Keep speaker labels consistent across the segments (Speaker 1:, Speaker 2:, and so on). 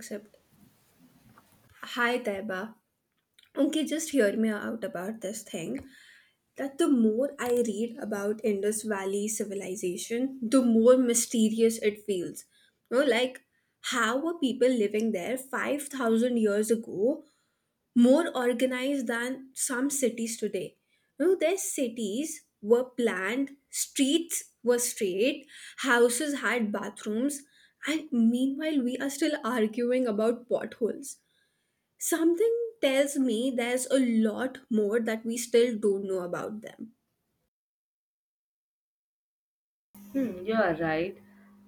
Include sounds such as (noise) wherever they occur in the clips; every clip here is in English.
Speaker 1: Accept. Hi, Taiba. Okay, just hear me out about this thing. That the more I read about Indus Valley civilization, the more mysterious it feels. You know, like how were people living there 5,000 years ago more organized than some cities today? You know, their cities were planned, streets were straight, houses had bathrooms, and meanwhile, we are still arguing about potholes. Something tells me there's a lot more that we still don't know about them.
Speaker 2: Hmm, you are right.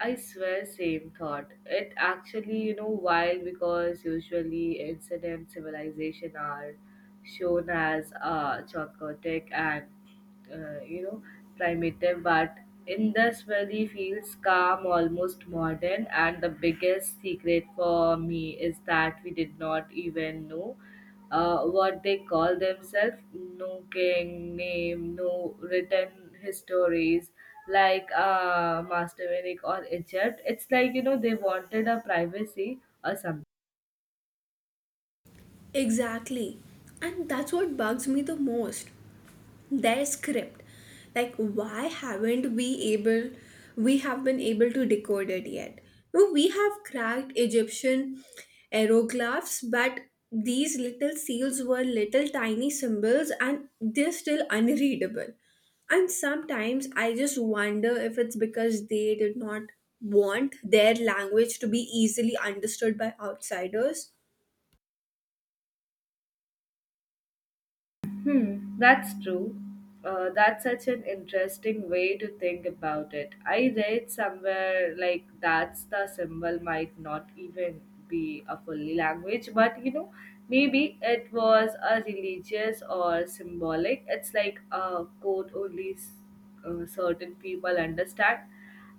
Speaker 2: I swear, same thought. It actually, you know, wild because usually ancient and civilization are shown as chaotic and uh, you know primitive, but Indus Valley feels calm, almost modern. And the biggest secret for me is that we did not even know what they call themselves, no king name, no written histories like master Vinic or egypt. It's like you know they wanted a privacy or something.
Speaker 1: Exactly. And that's what bugs me the most. Their script, like, why haven't we able we have been able to decode it yet? No, we have cracked Egyptian aeroglyphs, but these little seals were little tiny symbols and they're still unreadable. And sometimes I just wonder if it's because they did not want their language to be easily understood by outsiders.
Speaker 2: Hmm, that's true. That's such an interesting way to think about it. I read somewhere like that's the symbol might not even be a fully language, but you know, maybe it was a religious or symbolic. It's like a code only certain people understand,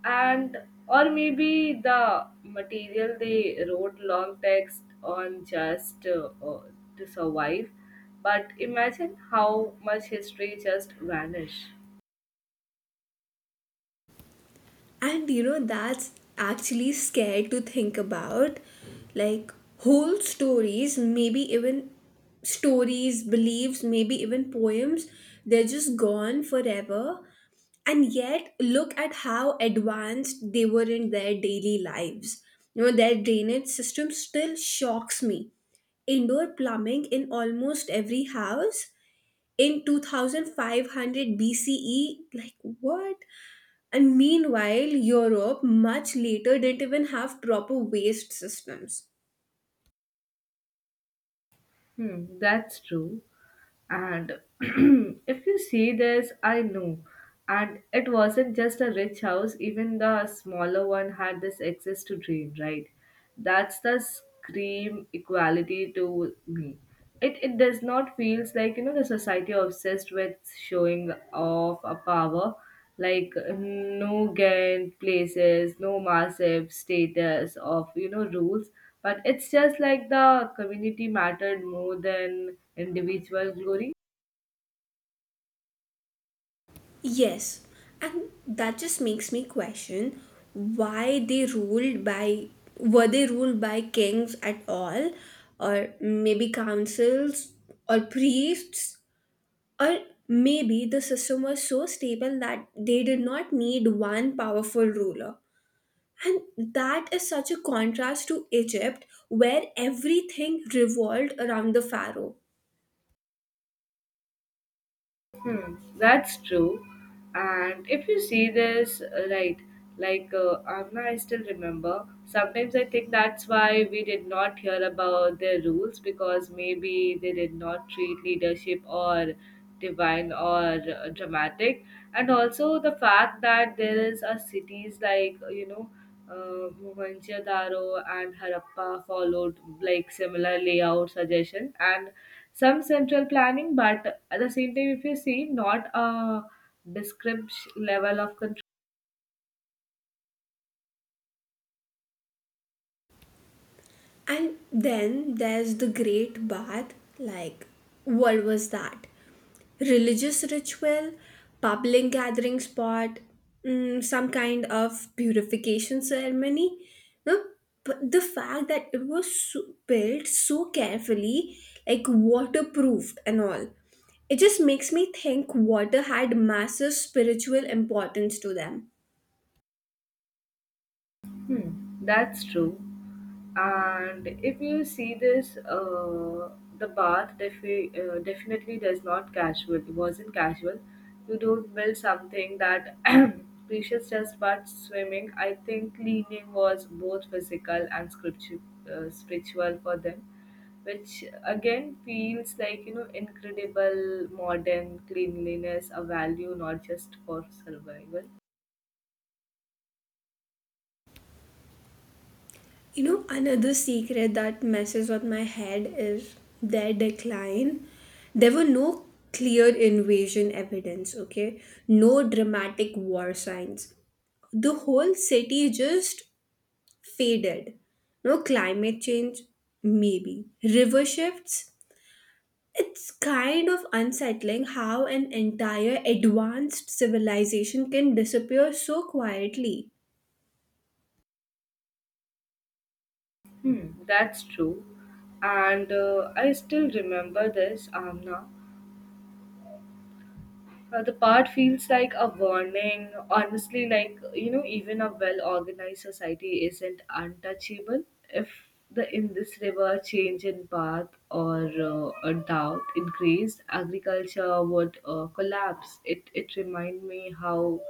Speaker 2: and or maybe the material they wrote long text on just to survive, but imagine how much history just vanished.
Speaker 1: And you know, that's actually scared to think about. Like, whole stories, beliefs, maybe even poems, they're just gone forever. And yet, look at how advanced they were in their daily lives. You know, their drainage system still shocks me. Indoor plumbing in almost every house in 2500 BCE, like what? And meanwhile, Europe much later didn't even have proper waste systems.
Speaker 2: Hmm, that's true. And (clears throat) if you see this, I know. And it wasn't just a rich house, even the smaller one had this access to dream, right? That's the scream equality to me. It does not feels like you know the society obsessed with showing off a power like no gain places, no massive status of you know rules. But it's just like the community mattered more than individual glory.
Speaker 1: Yes, and that just makes me question why they ruled by were they ruled by kings at all, or maybe councils, or priests, or maybe the system was so stable that they did not need one powerful ruler. And that is such a contrast to Egypt, where everything revolved around the pharaoh.
Speaker 2: Hmm, that's true. And if you see this, right, like Amna, I still remember. Sometimes I think that's why we did not hear about their rules because maybe they did not treat leadership or divine or dramatic. And also the fact that there is a cities like, Mohenjo-daro and Harappa followed like similar layout suggestion and some central planning, but at the same time if you see not a description level of.
Speaker 1: And then there's the Great Bath. Like, what was that? Religious ritual, public gathering spot, some kind of purification ceremony? No, but the fact that it was built so carefully, like waterproofed and all, it just makes me think water had massive spiritual importance to them.
Speaker 2: Hmm, that's true. And if you see this, the bath definitely does not casual. It wasn't casual. You don't build something that (clears throat) precious just but swimming. I think leaning was both physical and spiritual for them, which again feels like you know incredible modern cleanliness, a value not just for survival.
Speaker 1: You know, another secret that messes with my head is their decline. There were no clear invasion evidence, okay? No dramatic war signs. The whole city just faded. No, climate change, maybe. River shifts. It's kind of unsettling how an entire advanced civilization can disappear so quietly.
Speaker 2: Hmm, that's true. And I still remember this, Amna. The part feels like a warning. Honestly, like, you know, even a well organized society isn't untouchable. If the in this river change in path or a doubt increased, agriculture would collapse. It reminds me how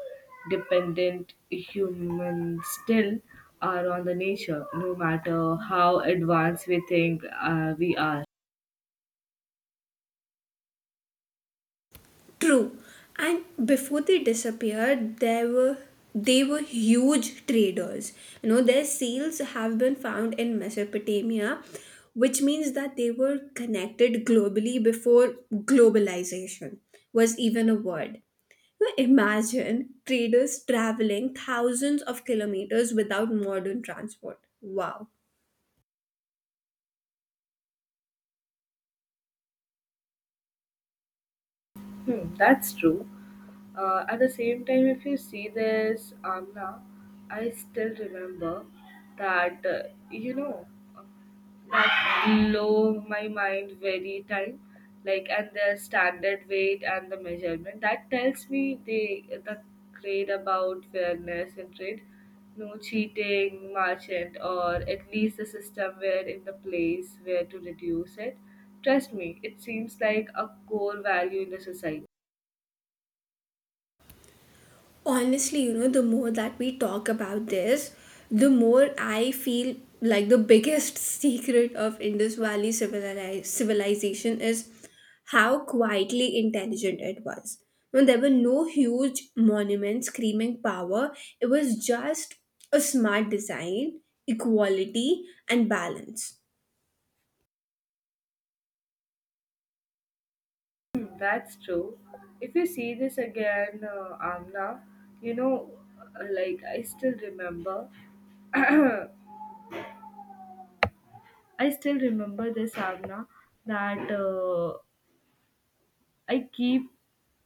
Speaker 2: dependent humans still are on the nature, no matter how advanced we think we are.
Speaker 1: True. And before they disappeared, there were they were huge traders. You know, their seals have been found in Mesopotamia, which means that they were connected globally before globalization was even a word. Now imagine traders traveling thousands of kilometers without modern transport. Wow.
Speaker 2: Hmm, that's true. At the same time, if you see this, Amna, I still remember that, you know, that blow my mind very time, like, and the standard weight and the measurement. That tells me they the grade about fairness and trade, no cheating, merchant, or at least the system where in the place where to reduce it. Trust me, it seems like a core value in the society.
Speaker 1: Honestly, you know, the more that we talk about this, the more I feel like the biggest (laughs) secret of Indus Valley civilization is how quietly intelligent it was. When there were no huge monuments screaming power, it was just a smart design, equality, and balance.
Speaker 2: Hmm, that's true. If you see this again, Amna, you know, like I still remember, (clears throat) I still remember this, Amna, that I keep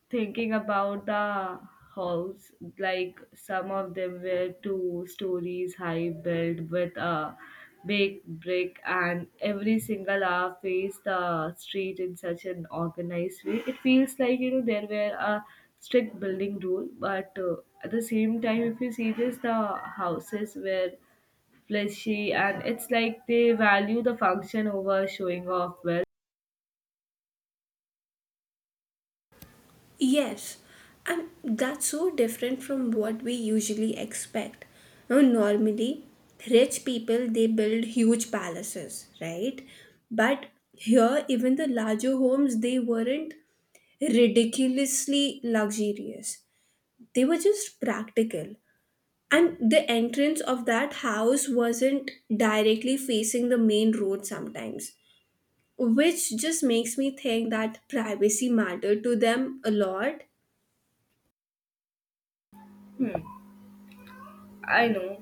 Speaker 2: thinking about the house, like some of them were two stories high, built with a big brick, and every single hour faced the street in such an organized way. It feels like you know there were a strict building rule, but at the same time, if you see this, the houses were fleshy, and it's like they value the function over showing off well.
Speaker 1: Yes, and that's so different from what we usually expect. Now, normally, rich people they build huge palaces, right? But here, even the larger homes they weren't ridiculously luxurious. They were just practical. And the entrance of that house wasn't directly facing the main road sometimes, which just makes me think that privacy mattered to them a lot.
Speaker 2: Hmm. I know.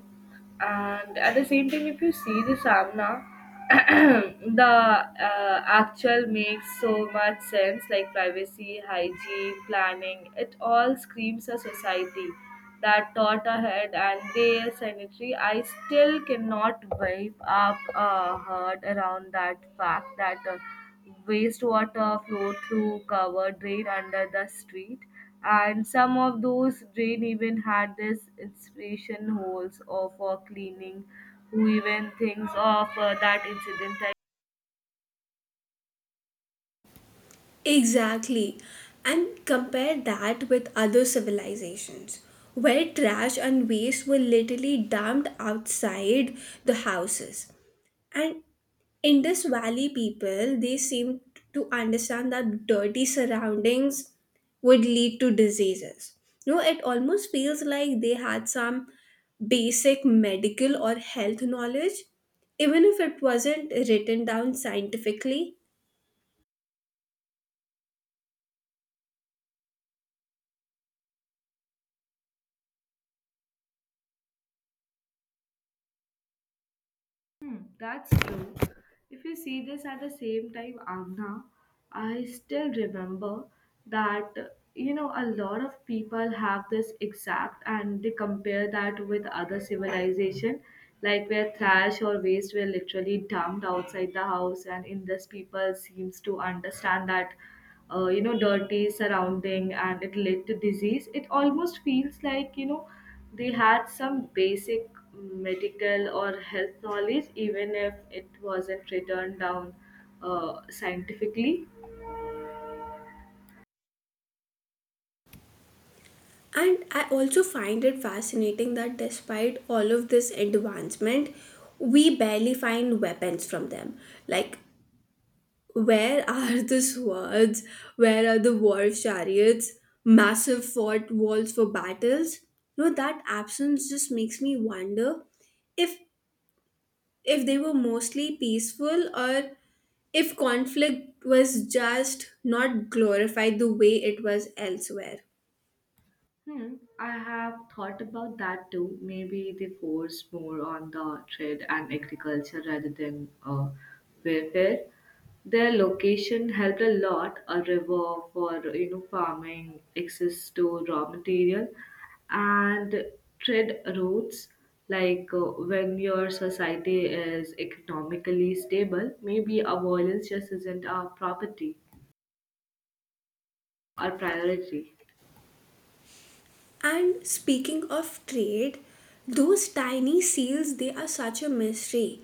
Speaker 2: And at the same time, if you see the Samna, (clears throat) the actual makes so much sense like privacy, hygiene, planning. It all screams a society that thought ahead and they are sanitary. I still cannot wipe up a hurt around that fact that wastewater flow through covered drain under the street, and some of those drain even had this inspiration holes or for cleaning. Who even thinks of that incident? I.
Speaker 1: Exactly. And compare that with other civilizations, where trash and waste were literally dumped outside the houses. And Indus Valley people, they seem to understand that dirty surroundings would lead to diseases. You know, it almost feels like they had some basic medical or health knowledge, even if it wasn't written down scientifically.
Speaker 2: Hmm, that's true. If you see this at the same time, Amna, I still remember that you know a lot of people have this exact, and they compare that with other civilization, like where trash or waste were literally dumped outside the house, and in this people seems to understand that, dirty surrounding and it led to disease. It almost feels like you know they had some basic medical or health knowledge, even if it wasn't written down scientifically.
Speaker 1: And I also find it fascinating that despite all of this advancement, we barely find weapons from them. Like, where (laughs) are the swords? Where are the war chariots? Massive fort walls for battles? No, that absence just makes me wonder if if they were mostly peaceful, or if conflict was just not glorified the way it was elsewhere.
Speaker 2: Hmm, I have thought about that too. Maybe they force more on the trade and agriculture rather than warfare. Their location helped a lot, a river for you know farming, access to raw material, and trade routes. Like when your society is economically stable, maybe a violence just isn't a property or priority.
Speaker 1: And speaking of trade, those tiny seals, they are such a mystery.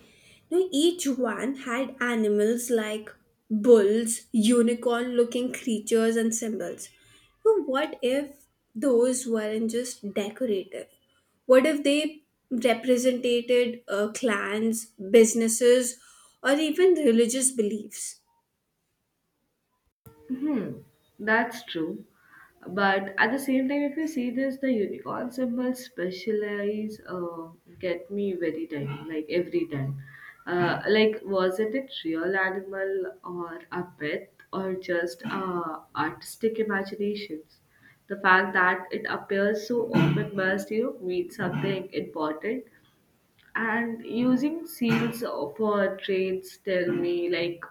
Speaker 1: You know, each one had animals like bulls, unicorn looking creatures, and symbols. But what if those weren't just decorative? What if they represented clans, businesses, or even religious beliefs?
Speaker 2: Hmm, that's true. But at the same time, if you see this, the unicorn symbol specialize get me very time, like every time. Like, was it a real animal or a pet or just artistic imaginations? The fact that it appears so often must, you know, mean something important, and using seals for trades tell me like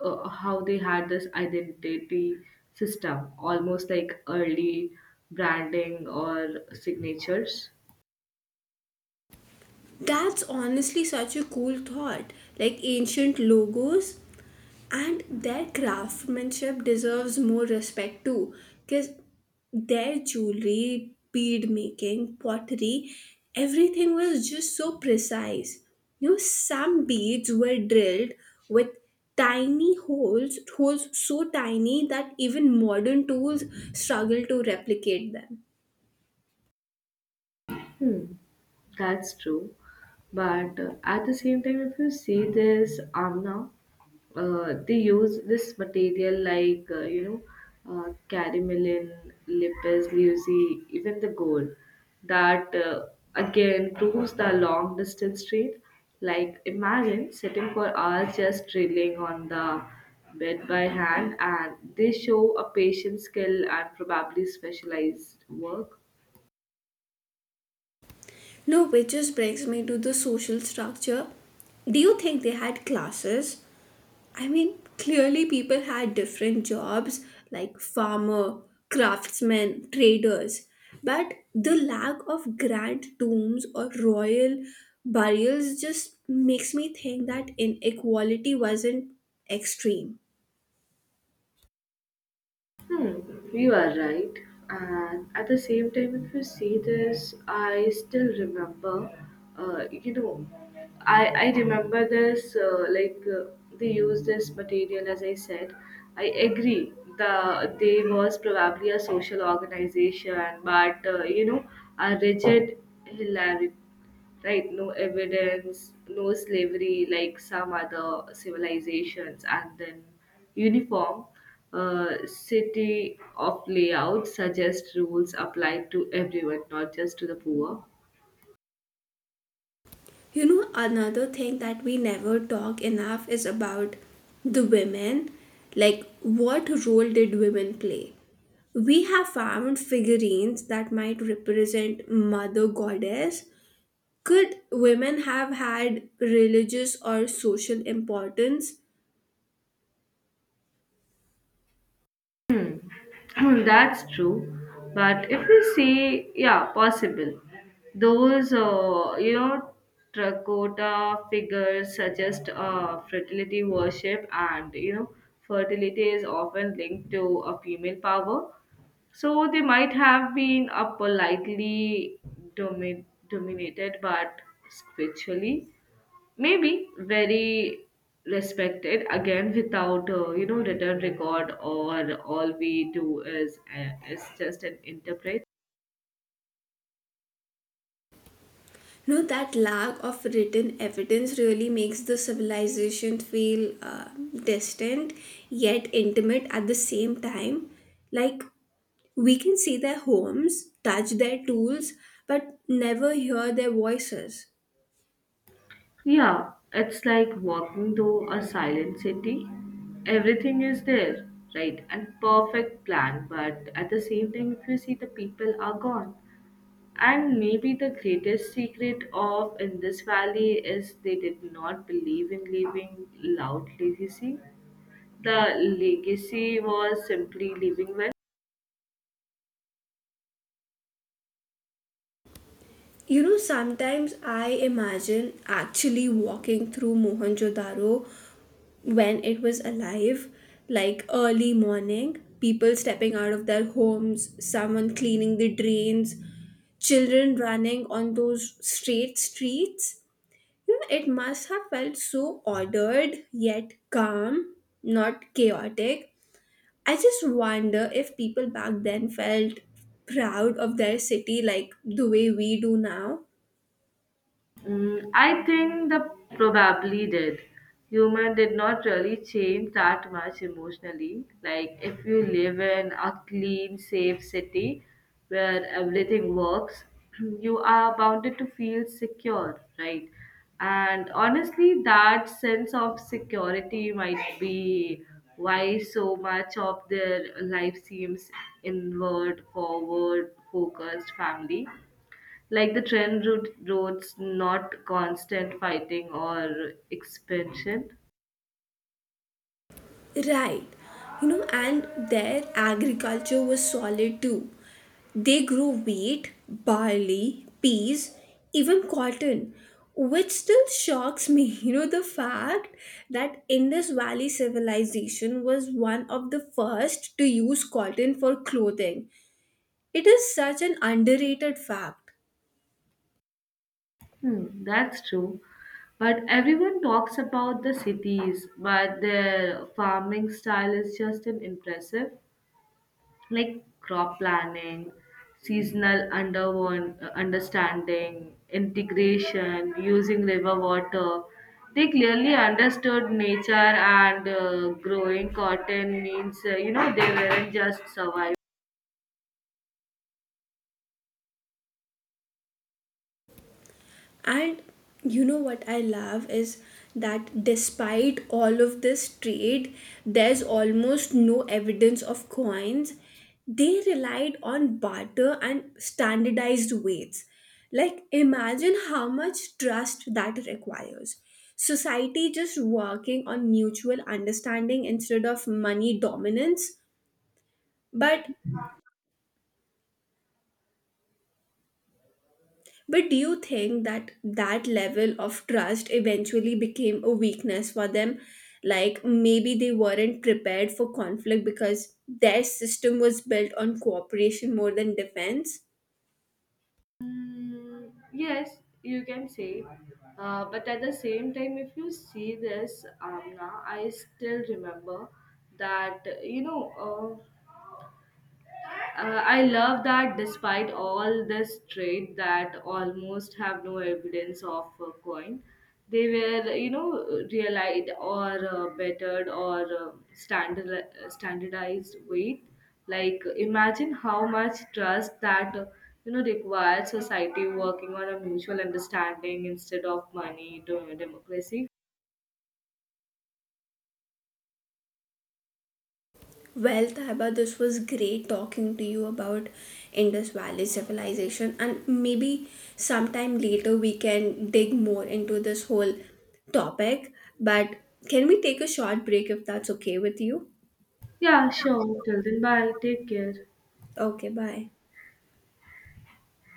Speaker 2: how they had this identity system almost like early branding or signatures.
Speaker 1: That's honestly such a cool thought. Like ancient logos. And their craftsmanship deserves more respect too, because their jewelry, bead making, pottery, everything was just so precise. You know, some beads were drilled with tiny holes so tiny that even modern tools struggle to replicate them.
Speaker 2: Hmm, that's true. But at the same time, if you see this Amna, they use this material like, caramelin, lapis lazuli, even the gold. That again proves the long distance trade. Like, imagine sitting for hours just drilling on the bed by hand, and they show a patient skill and probably specialized work.
Speaker 1: No, which just brings me to the social structure. Do you think they had classes? I mean, clearly people had different jobs like farmer, craftsmen, traders, but the lack of grand tombs or royal burials just makes me think that inequality wasn't extreme.
Speaker 2: Hmm, you are right. And at the same time, if you see this, I still remember, uh, you know, I remember this, they use this material, as I said. I agree the they was probably a social organization, but, a rigid hilarity, right, no evidence, no slavery like some other civilizations, and then uniform city of layout suggests rules applied to everyone, not just to the poor.
Speaker 1: You know, another thing that we never talk enough is about the women. Like, what role did women play? We have found figurines that might represent mother goddess. Could women have had religious or social importance?
Speaker 2: Hmm, (clears throat) that's true. But if we say, yeah, possible, those, terracotta figures suggest fertility worship, and, you know, fertility is often linked to a female power. So they might have been a politely dominated but spiritually. Maybe very respected again without written record, or all we do is just an interpret.
Speaker 1: No, that lack of written evidence really makes the civilization feel distant yet intimate at the same time. Like, we can see their homes, touch their tools, but never hear their voices.
Speaker 2: Yeah, it's like walking through a silent city. Everything is there, right? And perfect plan, but at the same time, if you see the people are gone. And maybe the greatest secret of in this Valley is they did not believe in leaving loud legacy. The legacy was simply living well.
Speaker 1: You know, sometimes I imagine actually walking through Mohenjo-daro when it was alive, like early morning, people stepping out of their homes, someone cleaning the drains, children running on those straight streets. You know, it must have felt so ordered yet calm, not chaotic. I just wonder if people back then felt proud of their city like the way we do now.
Speaker 2: Mm, I think the probably did. Human did not really change that much emotionally. Like if you live in a clean, safe city where everything works, (clears throat) you are bounded to feel secure, right? And honestly, that sense of security might be why so much of their life seems inward, forward, focused family. Like the trend route roads, not constant fighting or expansion.
Speaker 1: Right. You know, and their agriculture was solid too. They grew wheat, barley, peas, even cotton, which still shocks me. (laughs) You know, the fact that Indus Valley civilization was one of the first to use cotton for clothing. It is such an underrated fact.
Speaker 2: Hmm, that's true. But everyone talks about the cities, but their farming style is just an impressive. Like crop planning, seasonal under understanding, integration, using river water. They clearly understood nature, and growing cotton means, they weren't just surviving.
Speaker 1: And you know what I love is that despite all of this trade, there's almost no evidence of coins. They relied on barter and standardized weights. Like, imagine how much trust that requires. Society just working on mutual understanding instead of money dominance. But But do you think that that level of trust eventually became a weakness for them? Like maybe they weren't prepared for conflict because their system was built on cooperation more than defense?
Speaker 2: Mm, yes, you can say. But at the same time, if you see this, Amna, I still remember that, I love that despite all this trade that almost have no evidence of a coin, they were, you know, realized or bettered or standardized weight. Like, imagine how much trust that, requires society working on a mutual understanding instead of money to democracy.
Speaker 1: Well, Taiba, this was great talking to you about Indus Valley civilization, and maybe sometime later we can dig more into this whole topic. But can we take a short break if that's okay with you?
Speaker 2: Yeah, sure. Till then, bye. Take care.
Speaker 1: Okay, bye.